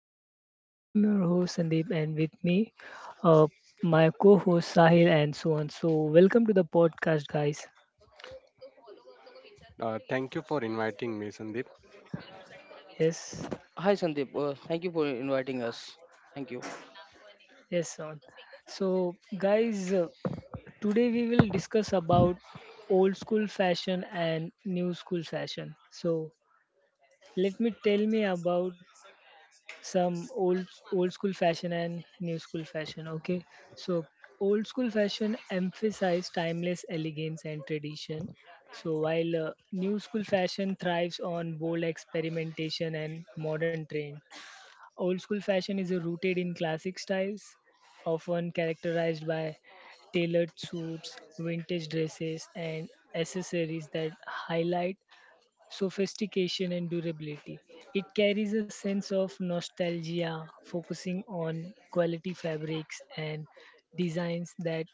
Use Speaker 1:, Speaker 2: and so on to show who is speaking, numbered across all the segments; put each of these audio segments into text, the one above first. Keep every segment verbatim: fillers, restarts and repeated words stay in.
Speaker 1: podcast. I'm your host Sandeep, and with me, uh, my co-host Sahil and so on. So welcome to the podcast, guys.
Speaker 2: Uh, thank you for inviting me, San.
Speaker 1: Yes,
Speaker 3: Hi Sandeep, uh, thank you for inviting us. Thank you.
Speaker 1: yes, on. So guys, uh, today we will discuss about old school fashion and new school fashion. So let me tell me about some old old school fashion and new school fashion, okay. So old school fashion emphasize timeless elegance and tradition. So while uh, new school fashion thrives on bold experimentation and modern trend. Old school fashion is uh, rooted in classic styles, often characterized by tailored suits, vintage dresses, and accessories that highlight sophistication and durability. It carries a sense of nostalgia, focusing on quality fabrics and designs that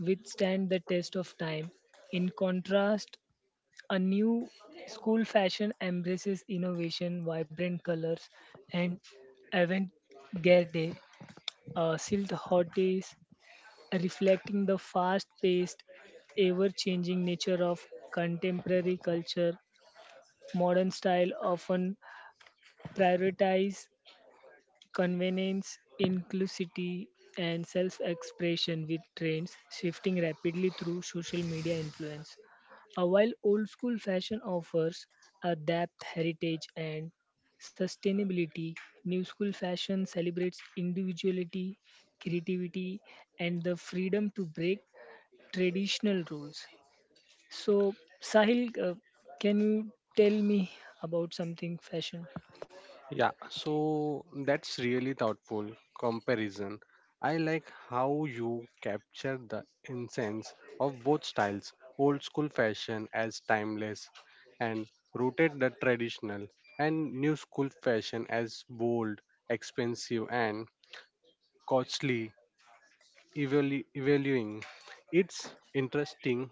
Speaker 1: withstand the test of time. In contrast, a new school fashion embraces innovation, vibrant colors, and avant-garde uh, silk hot, reflecting the fast-paced, ever-changing nature of contemporary culture. Modern style often prioritize convenience, inclusivity, and self expression with trends shifting rapidly through social media influence. Uh, while old school fashion offers a depth, heritage, and sustainability, new school fashion celebrates individuality, creativity, and the freedom to break traditional rules. So, Sahil, uh, can you tell me about something fashion?
Speaker 2: Yeah, so that's really thoughtful comparison. I like how you capture the essence of both styles, old school fashion as timeless and rooted the traditional, and new school fashion as bold, expensive, and costly, evalu- evaluing. It's interesting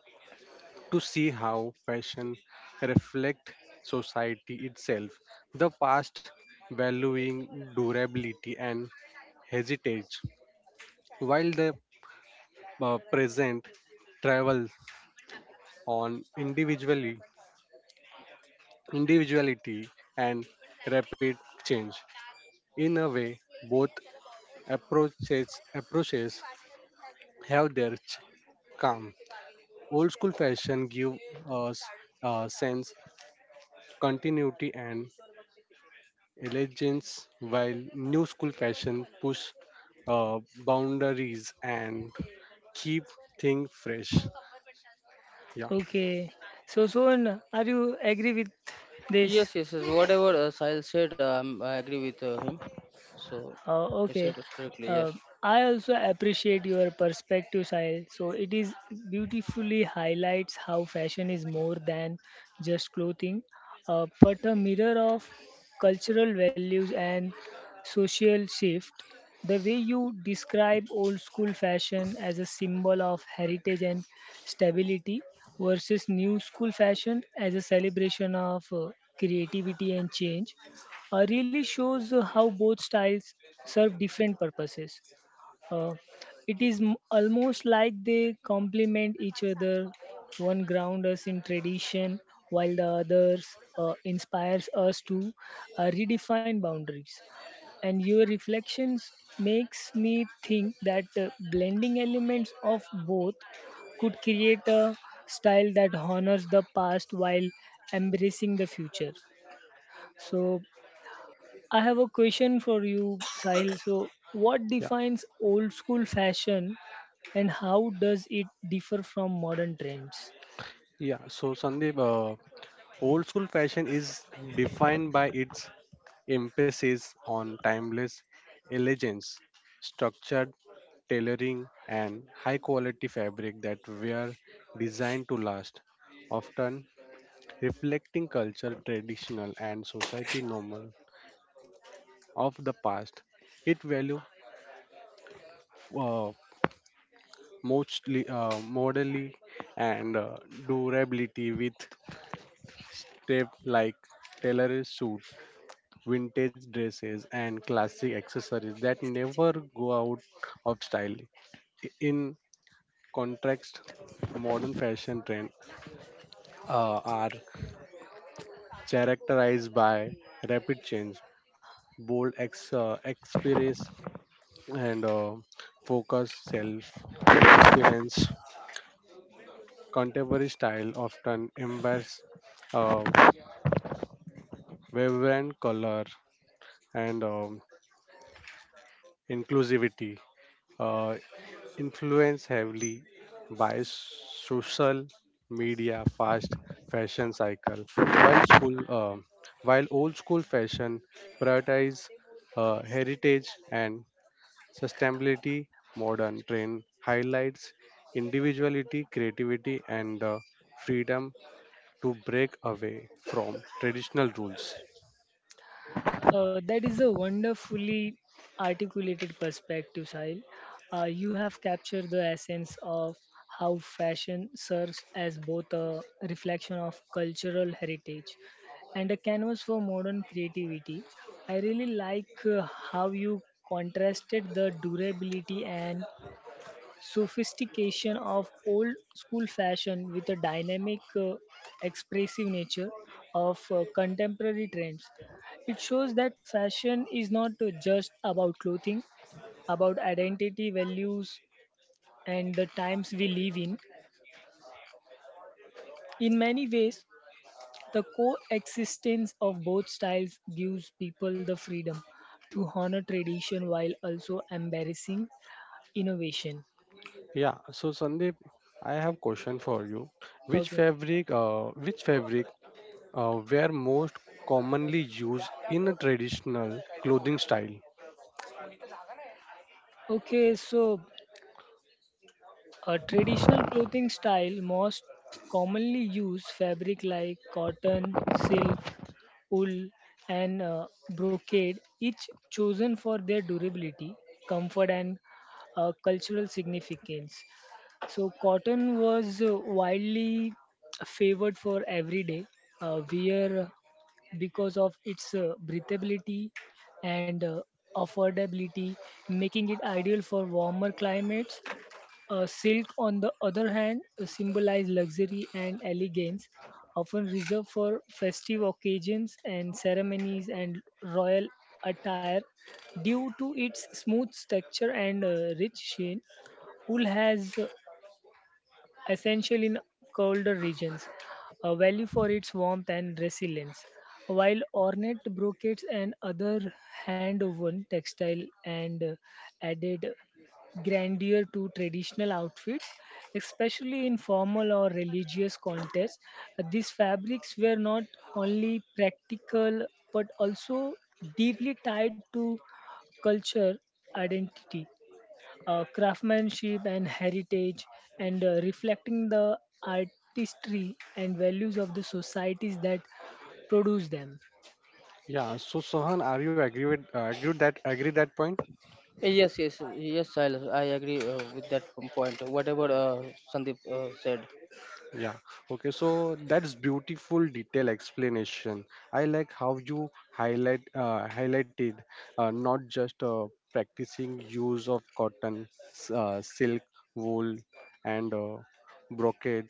Speaker 2: to see how fashion reflect society itself, the past valuing durability and heritage, while the uh, present travels on individually individuality and rapid change. In a way, both approaches approaches have their ch- calm. Old school fashion give us a sense continuity and elegance, while new school fashion push uh, boundaries and keep things fresh. Yeah,
Speaker 1: Okay. So, Son, are you agree with this?
Speaker 3: Yes, yes, yes. Whatever uh, Sahil said, um, I agree with uh, him. So
Speaker 1: Uh,
Speaker 3: he said
Speaker 1: okay.
Speaker 3: it correctly. Yes.
Speaker 1: Uh, I also appreciate your perspective, Sahil. So it is beautifully highlights how fashion is more than just clothing, uh, but a mirror of cultural values and social shift. The way you describe old school fashion as a symbol of heritage and stability versus new school fashion as a celebration of uh, creativity and change uh, really shows uh, how both styles serve different purposes. Uh, it is m- almost like they complement each other. One grounds us in tradition, while the others uh, inspires us to uh, redefine boundaries. And your reflections makes me think that uh, blending elements of both could create a style that honors the past while embracing the future. So I have a question for you, Sahil. So, what
Speaker 2: yeah,
Speaker 1: defines old school fashion and how does it differ from modern trends?
Speaker 2: yeah. So Sandeep, uh, old school fashion is defined by its emphasis on timeless elegance, structured tailoring, and high-quality fabric that were designed to last, often reflecting culture, traditional, and society normal of the past. It value uh, mostly uh, modally and uh, durability with tape like tailored suit, vintage dresses, and classic accessories that never go out of style. I- In contrast, modern fashion trends uh, are characterized by rapid change, bold ex- uh, experience, and uh, focus self experience. Contemporary style often embeds uh, vibrant color and um, inclusivity, uh, influenced heavily by social media fast fashion cycle while school uh, while old school fashion prioritize uh, heritage and sustainability, modern trend highlights individuality, creativity, and the freedom to break away from traditional rules.
Speaker 1: Uh, that is a wonderfully articulated perspective, Sahil. Uh, you have captured the essence of how fashion serves as both a reflection of cultural heritage and a canvas for modern creativity. I really like uh, how you contrasted the durability and sophistication of old school fashion with a dynamic, uh, expressive nature of uh, contemporary trends. It shows that fashion is not uh, just about clothing, about identity, values, and the times we live in. In many ways, the coexistence of both styles gives people the freedom to honor tradition while also embarrassing innovation.
Speaker 2: Yeah, so Sandeep, I have question for you. Which
Speaker 1: Okay.
Speaker 2: fabric, uh, which fabric uh, were most commonly used
Speaker 3: Uh,
Speaker 2: in a traditional clothing style?
Speaker 1: Okay, so a traditional clothing style most commonly use fabric like cotton, silk, wool, and uh, brocade, each chosen for their durability, comfort, and uh, cultural significance. So, cotton was uh, widely favored for everyday uh, wear because of its uh, breathability and uh, affordability, making it ideal for warmer climates. Uh, silk, on the other hand, symbolize luxury and elegance, often reserved for festive occasions and ceremonies and royal attire. Due to its smooth texture and uh, rich sheen, wool has essential in colder regions, a value for its warmth and resilience. While ornate brocades and other hand woven textile and uh, added grandeur to traditional outfits, especially in formal or religious contexts. These fabrics were not only practical but also deeply tied to culture identity, uh, craftsmanship and heritage, and uh, reflecting the artistry and values of the societies that produce them.
Speaker 2: Yeah, so Sohan, are you agree with uh, agree with that agree that point?
Speaker 3: Yes, yes, uh, yes, Sahil. I agree uh, with that p- point. Whatever uh, Sandeep uh, said.
Speaker 2: Yeah, okay, so that's beautiful detail explanation. I like how you highlight uh, highlighted uh, not just uh, practicing use of cotton, s- uh, silk, wool, and uh, brocade,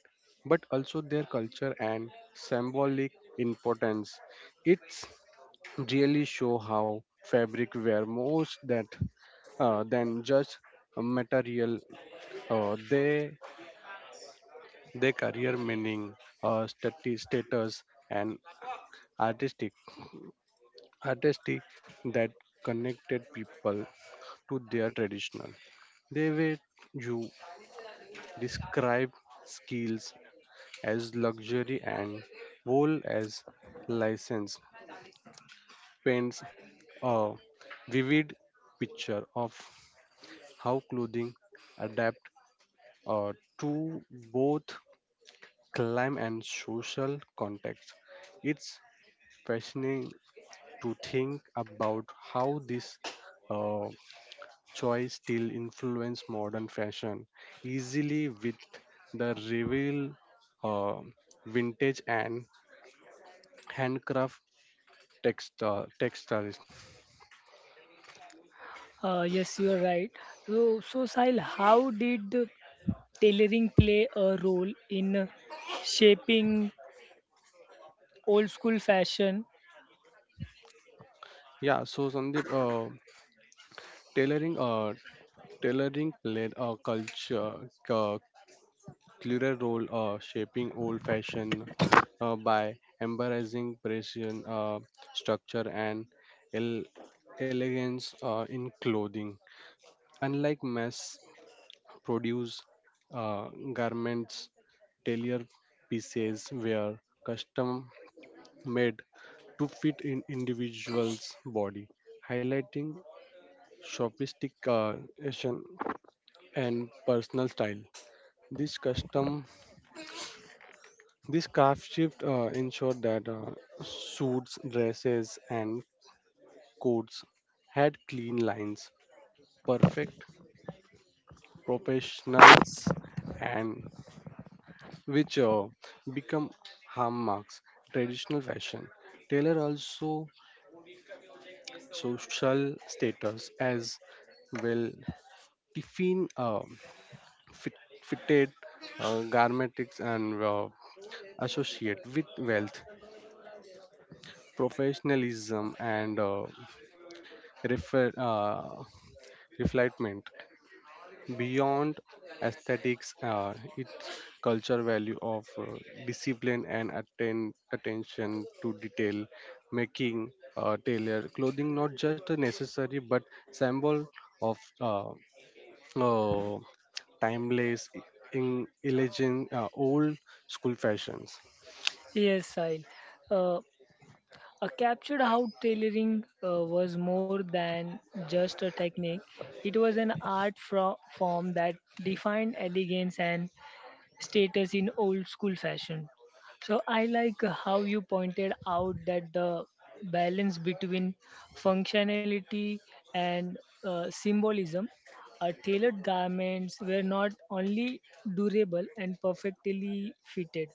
Speaker 2: but also their culture and symbolic importance. It's really show how fabric wear most that uh, than just a material uh, they their career meaning, uh, stati- status, and artistic artistry that connected people to their traditional. They were you describe skills as luxury and wool as license paints a vivid picture of how clothing adapt uh, to both climate and social context. It's fascinating to think about how this uh, choice still influence modern fashion easily with the reveal uh, vintage and handcraft text uh, textiles.
Speaker 1: Uh, yes, you are right. So, so Sahil, how did tailoring play a role in shaping old school fashion?
Speaker 2: Yeah, so Sandeep, uh, tailoring uh, tailoring played a culture uh, clearer role uh, shaping old fashion uh, by embracing precision, uh, structure, and el- elegance uh, in clothing. Unlike mass produced uh, garments, tailor pieces were custom made to fit in individual's body, highlighting sophistication and personal style. This custom This craft shift uh, ensured that uh, suits, dresses, and coats had clean lines, perfect proportions, and which uh, become hallmarks traditional fashion. Taylor also social status as well. Tiffin uh, fit, fitted uh, garmentics and uh, associate with wealth, professionalism, and uh, refer, uh, reflectment beyond aesthetics, uh, its culture value of uh, discipline and atten- attention to detail, making uh, tailor clothing not just a necessary but symbol of uh, uh, timeless e- in elegant uh, old school fashions.
Speaker 1: Yes, Sahil. Uh, uh, Captured how tailoring uh, was more than just a technique. It was an art fro- form that defined elegance and status in old school fashion. So I like how you pointed out that the balance between functionality and uh, symbolism. Uh, tailored garments were not only durable and perfectly fitted,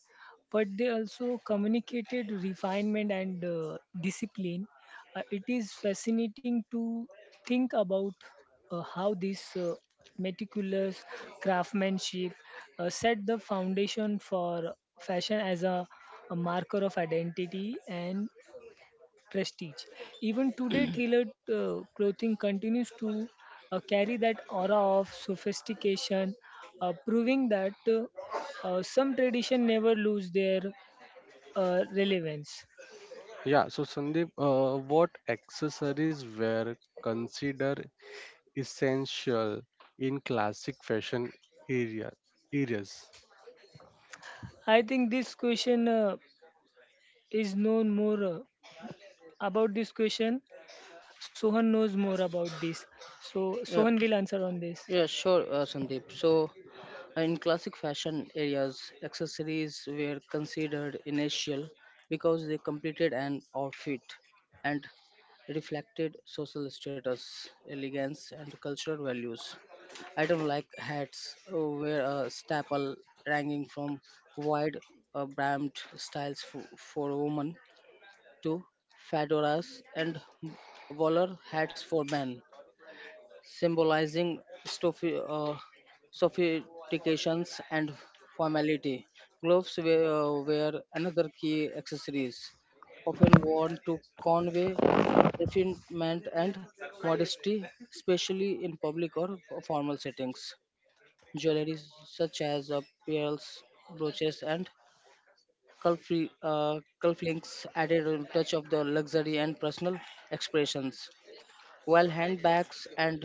Speaker 1: but they also communicated refinement and uh, discipline. Uh, it is fascinating to think about uh, how this uh, meticulous craftsmanship uh, set the foundation for fashion as a, a marker of identity and prestige. Even today, tailored uh, clothing continues to uh, carry that aura of sophistication, uh, proving that uh, uh, some tradition never lose their uh, relevance.
Speaker 2: Yeah, so Sandeep, uh, what accessories were considered essential in classic fashion area, areas?
Speaker 1: I think this question uh, is known more uh, about this question. Sohan knows more about this. So
Speaker 3: Yeah,
Speaker 1: Sohan will answer on this.
Speaker 3: yeah, sure, uh, Sandeep. So in classic fashion areas, accessories were considered essential because they completed an outfit and reflected social status, elegance, and cultural values. Items like hats uh, were a staple, ranging from wide uh, brimmed styles for, for women to fedoras and bowler hats for men, symbolizing sophi- uh, sophistications and formality. Gloves were, uh, were another key accessories, often worn to convey refinement and modesty, especially in public or f- formal settings. Jewelry such as uh, pearls, brooches, and cuffli- uh, cufflinks added a touch of the luxury and personal expressions, while handbags and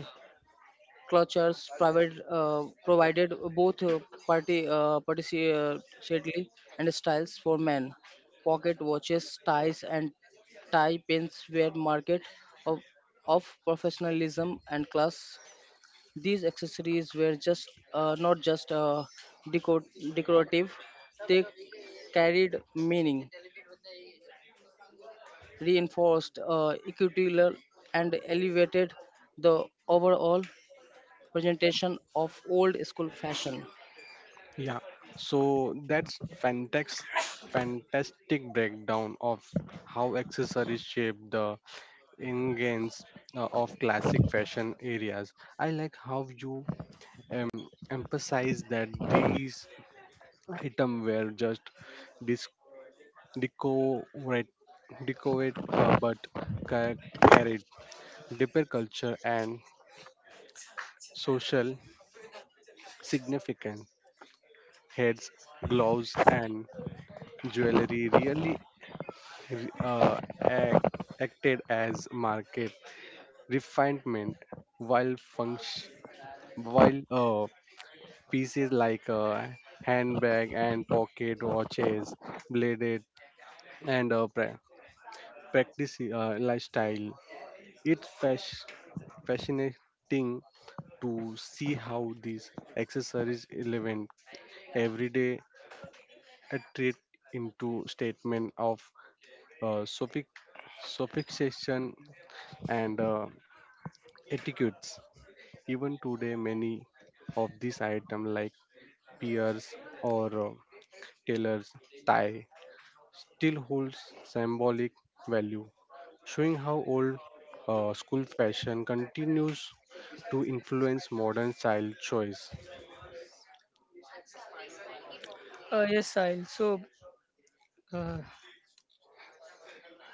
Speaker 3: clutches private uh, provided both uh, party uh, partici- uh, shadly and styles for men. Pocket watches, ties, and tie pins were market of, of professionalism and class. These accessories were just uh, not just uh, deco- decorative; they carried meaning, reinforced uh, equity level, and elevated the overall presentation of old school fashion.
Speaker 2: Yeah, so that's fantastic, fantastic breakdown of how accessories shape the ingredients uh, of classic fashion areas. I like how you um, emphasize that these items were just dis- decorate, decorate uh, but ca- carried deeper culture and social significance. Heads, gloves, and jewelry really uh, act, acted as market refinement, while function, while uh, pieces like uh, handbag and pocket watches, bladed and uh, pra- practice uh, lifestyle. It's fash- fascinating to see how these accessories relevant everyday attribute into statement of uh, suffix, suffixation and uh, etiquettes. Even today, many of these items like peers or uh, tailors tie still holds symbolic value, showing how old uh, school fashion continues to influence modern style choice.
Speaker 1: Uh, yes, Sahil. So uh,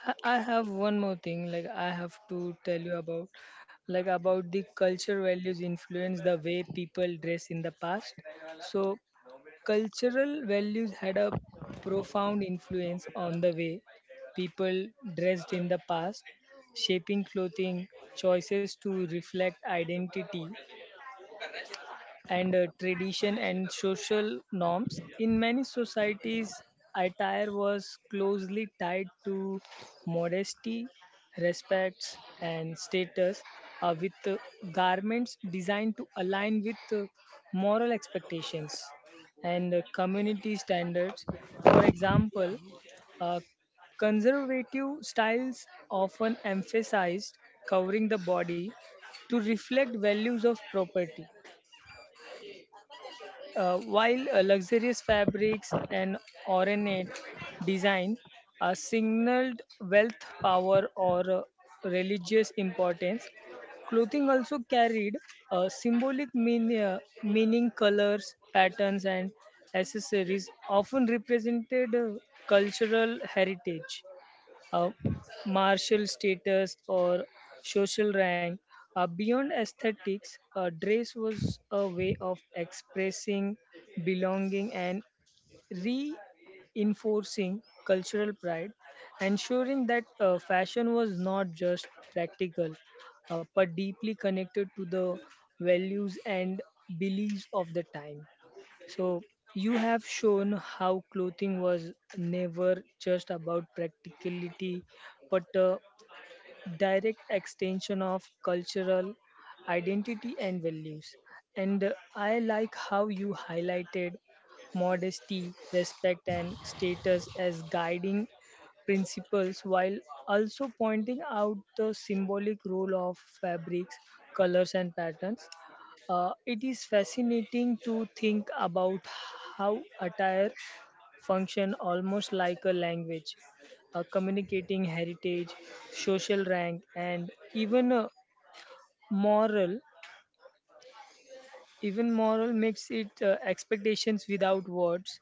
Speaker 1: I I have one more thing. Like I have to tell you about, like about the culture values influence the way people dress in the past. So cultural values had a profound influence on the way people dressed in the past, shaping clothing choices to reflect identity and uh, tradition and social norms. In many societies, attire was closely tied to modesty, respects, and status, uh, with uh, garments designed to align with uh, moral expectations and uh, community standards. For example, uh, conservative styles often emphasized covering the body to reflect values of property uh, while uh, luxurious fabrics and ornate design are signaled wealth, power, or uh, religious importance. Clothing also carried a symbolic mean, uh, meaning, colors, patterns, and accessories often represented uh, cultural heritage, uh, martial status or social rank. Uh, beyond aesthetics, uh, dress was a way of expressing belonging and reinforcing cultural pride, ensuring that uh, fashion was not just practical uh, but deeply connected to the values and beliefs of the time. So, you have shown how clothing was never just about practicality but uh, direct extension of cultural identity and values. And uh, I like how you highlighted modesty, respect, and status as guiding principles while also pointing out the symbolic role of fabrics, colors, and patterns. Uh, it is fascinating to think about how attire function almost like a language, uh, communicating heritage, social rank, and even uh, moral. Even moral makes it uh, expectations without words.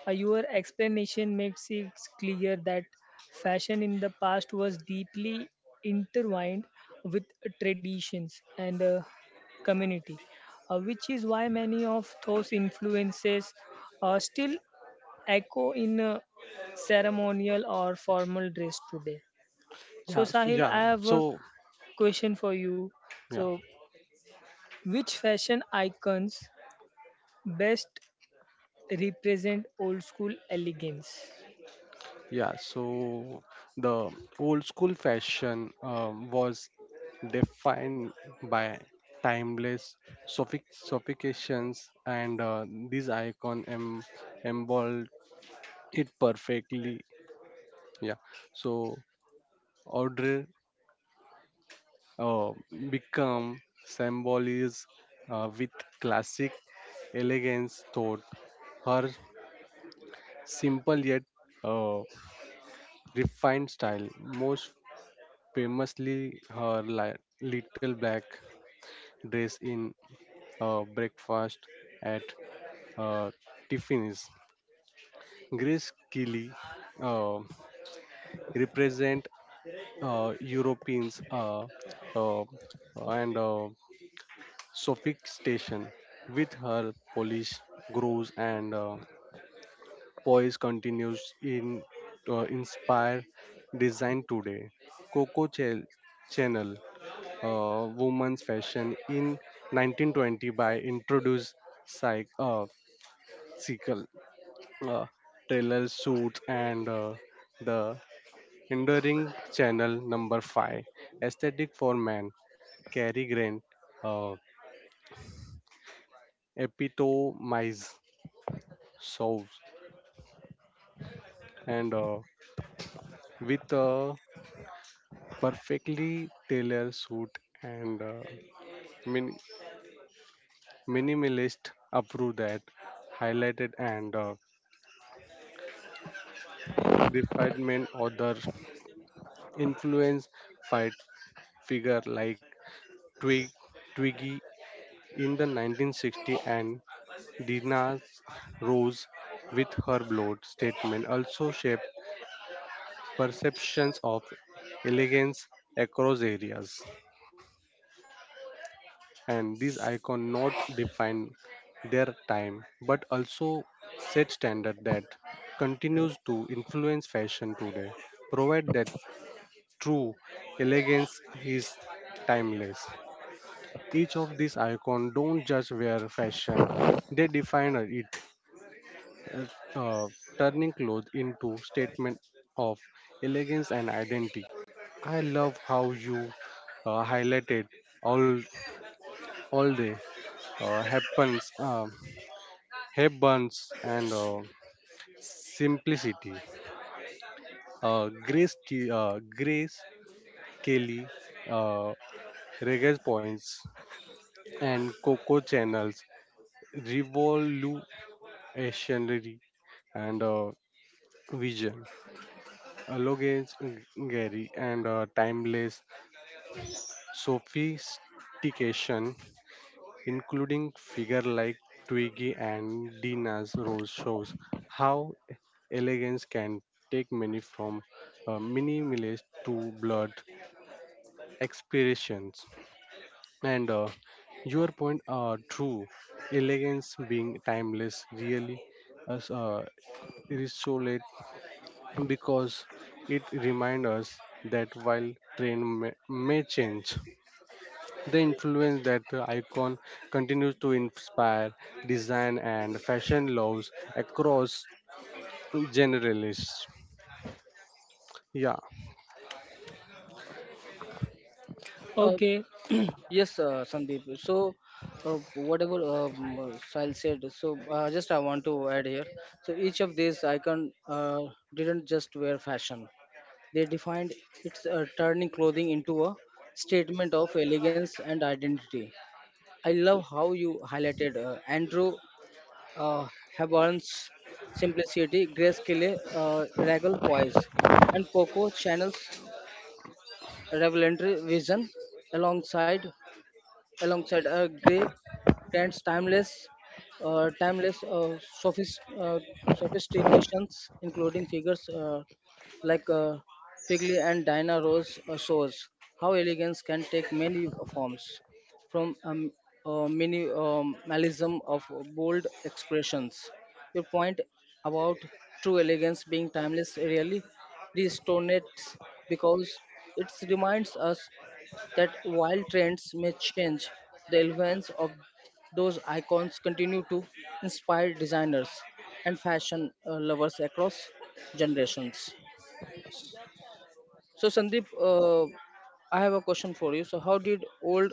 Speaker 1: Uh, your explanation makes it clear that fashion in the past was deeply intertwined with traditions and uh, community, uh, which is why many of those influences are still echo in uh, ceremonial or formal dress today. So,
Speaker 2: Yeah, so,
Speaker 1: Sahil,
Speaker 2: yeah.
Speaker 1: I have a
Speaker 2: So
Speaker 1: question for you.
Speaker 2: yeah.
Speaker 1: So, which fashion icons best represent old school elegance?
Speaker 2: Yeah, so the old school fashion um, was defined by timeless sophic- sophistications, and uh, this icon em- embodied it perfectly. Yeah, so Audrey uh, become symbolism uh, with classic elegance thought. Her simple yet uh, refined style, most famously her li- little black dress in uh, Breakfast at uh, Tiffany's. Grace Kelly uh, represent uh, Europeans uh, uh, and uh, sophistication with her Polish grows and uh, poise continues in uh, inspire design today. Coco Chel- Channel uh, women's fashion in nineteen twenty by introduced cycle, uh, cycle uh, tailor suits and uh, the enduring channel number five aesthetic. For men, Cary Grant uh, epitomize solves and uh, with a perfectly tailored suit and uh, min- minimalist approach that highlighted and uh, refinement other influence fight figure like Twig, Twiggy in the nineteen sixties and Dina's Rose with her bold statement also shaped perceptions of elegance across areas. And these icons not define their time but also set standard that continues to influence fashion today, provide that true elegance is timeless. Each of these icons don't just wear fashion, they define it, uh, uh, turning clothes into statement of elegance and identity. I love how you uh, highlighted all all day uh, happens uh, happens and uh, simplicity. Uh, Grace Ke- uh, Grace Kelly uh, Reggae Points and Coco Channels revolve Ancienry and uh, Vision, elegance, Gary, and uh, timeless sophistication, including figure like Twiggy and Dina's Rose, shows how elegance can take many from uh, minimalist to blood expirations. And uh, your point are true. Elegance being timeless really as uh, because it reminds us that while trend may, may change, the influence that icon continues to inspire design and fashion loves across generalists. Yeah,
Speaker 3: Uh,
Speaker 1: Okay.
Speaker 3: yes, uh, Sandeep. So, uh, whatever um, uh, Sahil said, so uh, just I want to add here. So, each of these icon uh, didn't just wear fashion; they defined its uh, turning clothing into a statement of elegance and identity. I love how you highlighted uh, Andrew uh, Hepburn's simplicity, Grace Kelly uh, regal poise, and Coco Chanel's revelatory vision alongside alongside a Gray grants timeless, uh, timeless uh, sophist, uh, sophistications, including figures uh, like uh, Figley and Dinah Rose uh, shows how elegance can take many forms, from um, uh, minimalism of bold expressions. Your point about true elegance being timeless really resonates because it reminds us that while trends may change, the relevance of those icons continue to inspire designers and fashion uh, lovers across generations. So, Sandeep, uh, I have a question for you. So, how did old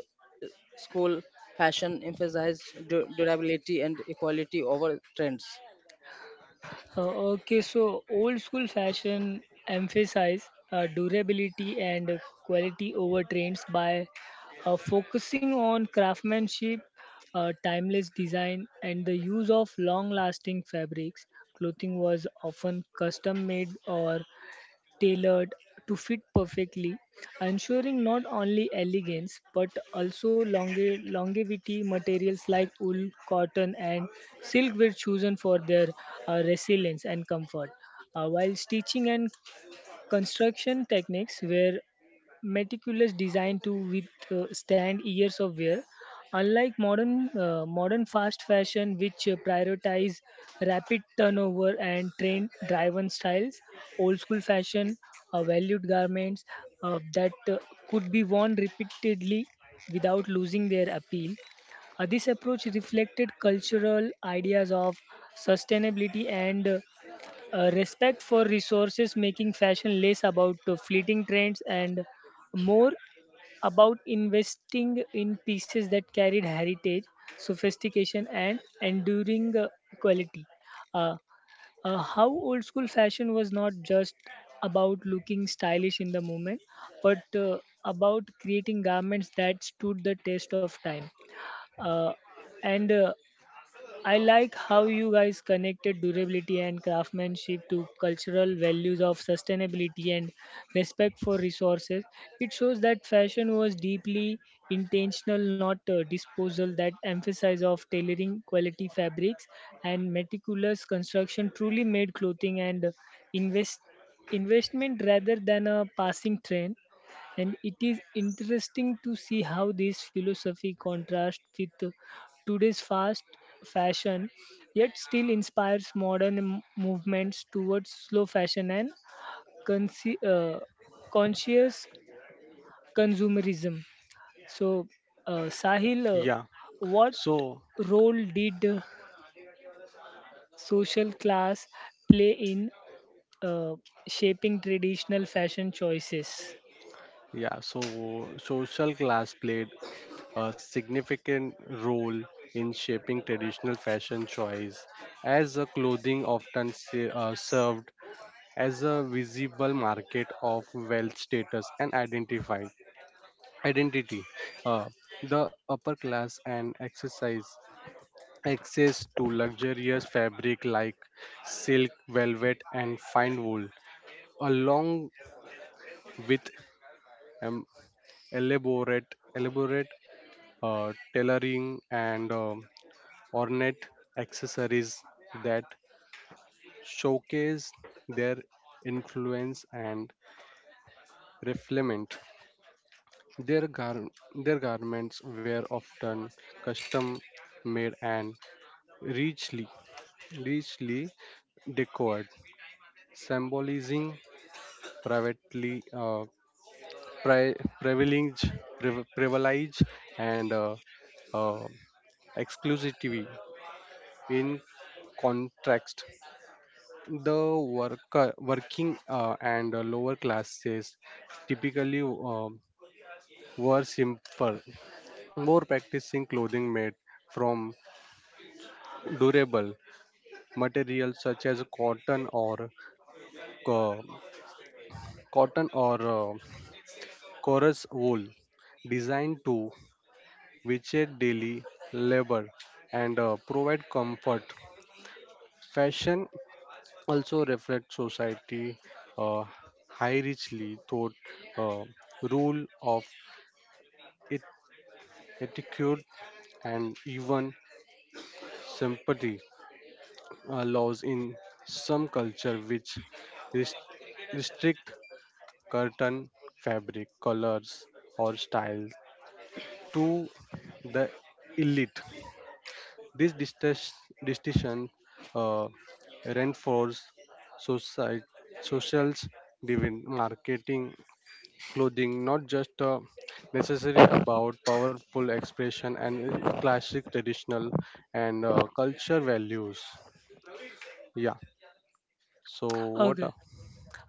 Speaker 3: school fashion emphasize du- durability and equality over trends?
Speaker 1: Uh, okay, so old school fashion emphasize uh, durability and quality over trends by uh, focusing on craftsmanship, uh, timeless design, and the use of long-lasting fabrics. Clothing was often custom-made or tailored to fit perfectly, ensuring not only elegance but also longe- longevity. Materials like wool, cotton, and silk were chosen for their uh, resilience and comfort. Uh, while stitching and construction techniques were meticulous design to withstand years of wear. Unlike modern uh, modern fast fashion, which uh, prioritize rapid turnover and trend-driven styles, old school fashion uh, valued garments uh, that uh, could be worn repeatedly without losing their appeal. Uh, this approach reflected cultural ideas of sustainability and uh, uh, respect for resources, making fashion less about uh, fleeting trends and more about investing in pieces that carried heritage sophistication and enduring uh, quality. uh, uh, how old school fashion was not just about looking stylish in the moment but uh, about creating garments that stood the test of time, uh, and uh, I like how you guys connected durability and craftsmanship to cultural values of sustainability and respect for resources. It shows that fashion was deeply intentional, not uh, disposal. That emphasis of tailoring quality fabrics and meticulous construction truly made clothing and invest investment rather than a passing trend, and it is interesting to see how this philosophy contrasts with today's fast fashion yet still inspires modern m- movements towards slow fashion and conce- uh, conscious consumerism. So uh, Sahil, uh,
Speaker 2: yeah.
Speaker 1: what
Speaker 2: So
Speaker 1: role did uh, social class play in uh, shaping traditional fashion choices?
Speaker 2: yeah, so social class played a significant role in shaping traditional fashion choice as a clothing often se- uh, served as a visible market of wealth status and identify identity. Uh, the upper class and exercise access to luxurious fabric like silk velvet and fine wool along with um, elaborate elaborate uh, tailoring and um ornate accessories that showcase their influence and reflement. Their gar- their garments were often custom made and richly, richly decorated, symbolizing privately uh, pri- privilege, priv- privilege and uh, uh, exclusivity. In contrast, the worker, working uh, and uh, lower classes typically uh, were simple more practicing clothing made from durable materials such as cotton or co- cotton or uh, chorus wool designed to withstand daily labor and uh, provide comfort. Fashion also reflects society uh, high richly thought uh, rule of et- etiquette and even sympathy. uh, laws in some culture which rest- restrict curtain fabric colors or styles to the elite, this distas- distinction uh, reinforces society socials divin marketing clothing not just uh, necessary about powerful expression and in classic traditional and uh, culture values. Yeah so what
Speaker 1: Okay.
Speaker 2: uh,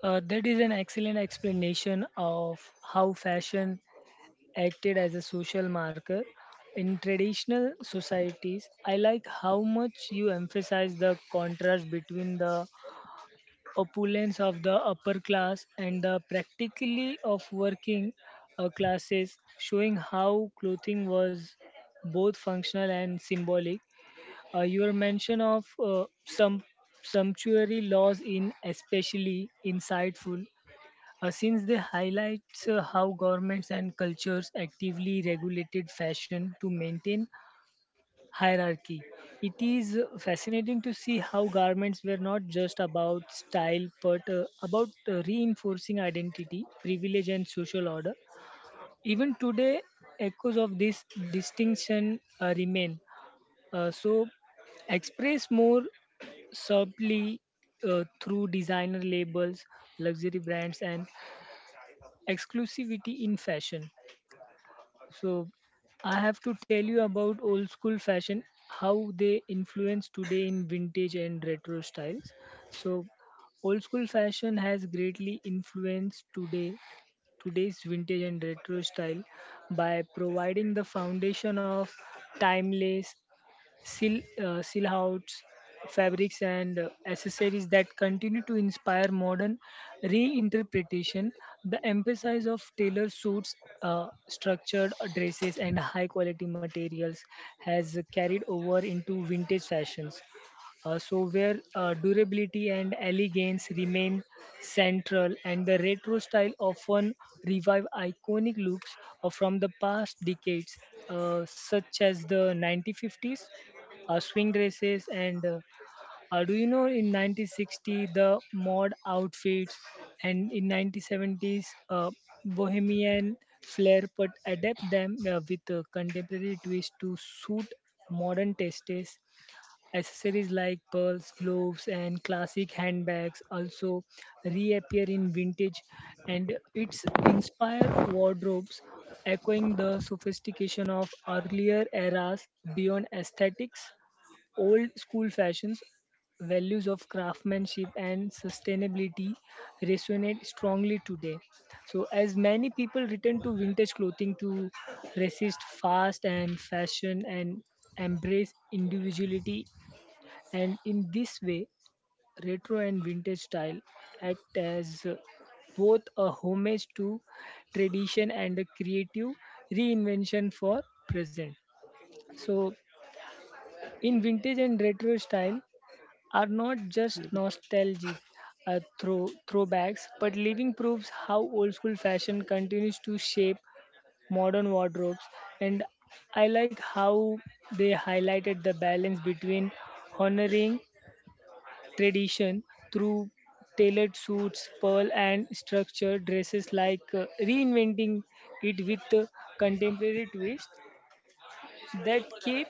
Speaker 1: Uh, that is an excellent explanation of how fashion acted as a social marker in traditional societies. I like how much you emphasize the contrast between the opulence of the upper class and the practically of working uh, classes, showing how clothing was both functional and symbolic. Uh, your mention of uh, some sumptuary laws in especially insightful uh, since they highlights uh, how governments and cultures actively regulated fashion to maintain hierarchy. It is uh, fascinating to see how garments were not just about style but uh, about uh, reinforcing identity, privilege, and social order. Even today, echoes of this distinction uh, remain. Uh, so, express more subtly uh, through designer labels, luxury brands, and exclusivity in fashion. So I have to tell you about old school fashion, how they influence today in vintage and retro styles. So old school fashion has greatly influenced today today's vintage and retro style by providing the foundation of timeless Sil, uh, silhouettes, fabrics, and uh, accessories that continue to inspire modern reinterpretation. The emphasis of tailored suits, uh, structured dresses, and high quality materials has carried over into vintage fashions. Uh, so, where uh, durability and elegance remain central, and the retro style often revive iconic looks uh, from the past decades, uh, such as the nineteen fifties uh, swing dresses, and uh, uh, do you know in nineteen sixty the mod outfits, and in nineteen seventies uh, bohemian flair, but adapt them uh, with a contemporary twist to suit modern tastes. Accessories like pearls, gloves, and classic handbags also reappear in vintage and its inspire wardrobes, echoing the sophistication of earlier eras. Beyond aesthetics, old school fashions, values of craftsmanship and sustainability resonate strongly today. So, as many people return to vintage clothing to resist fast and fashion and embrace individuality, and in this way, retro and vintage style act as uh, both a homage to tradition and a creative reinvention for present. So in vintage and retro style are not just nostalgic uh, throw, throwbacks, but living proofs how old school fashion continues to shape modern wardrobes. And I like how they highlighted the balance between honoring tradition through tailored suits, pearl, and structured dresses, like uh, reinventing it with a contemporary twist that keep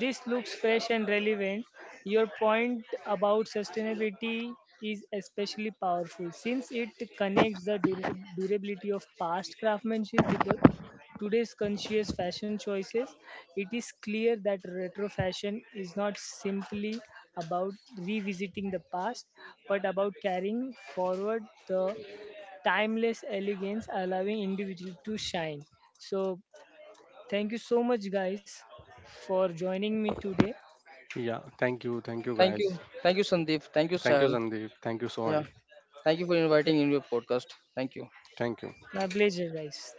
Speaker 1: this looks fresh and relevant. Your point about sustainability is especially powerful since it connects the dura- durability of past craftsmanship with the today's conscious fashion choices. It is clear that retro fashion is not simply about revisiting the past but about carrying forward the timeless elegance, allowing individuals to shine. So, thank you so much, guys, for joining me today.
Speaker 2: Yeah, thank you, thank you
Speaker 3: Thank
Speaker 2: guys.
Speaker 3: you. Thank you, Sandeep. Thank you,
Speaker 2: Thank you,
Speaker 3: Sahil.
Speaker 2: Sandeep, thank you,
Speaker 3: Yeah.
Speaker 2: Sohan.
Speaker 3: Thank you for
Speaker 1: Yeah.
Speaker 3: inviting in your podcast. Thank you.
Speaker 2: Thank you.
Speaker 1: My pleasure, guys.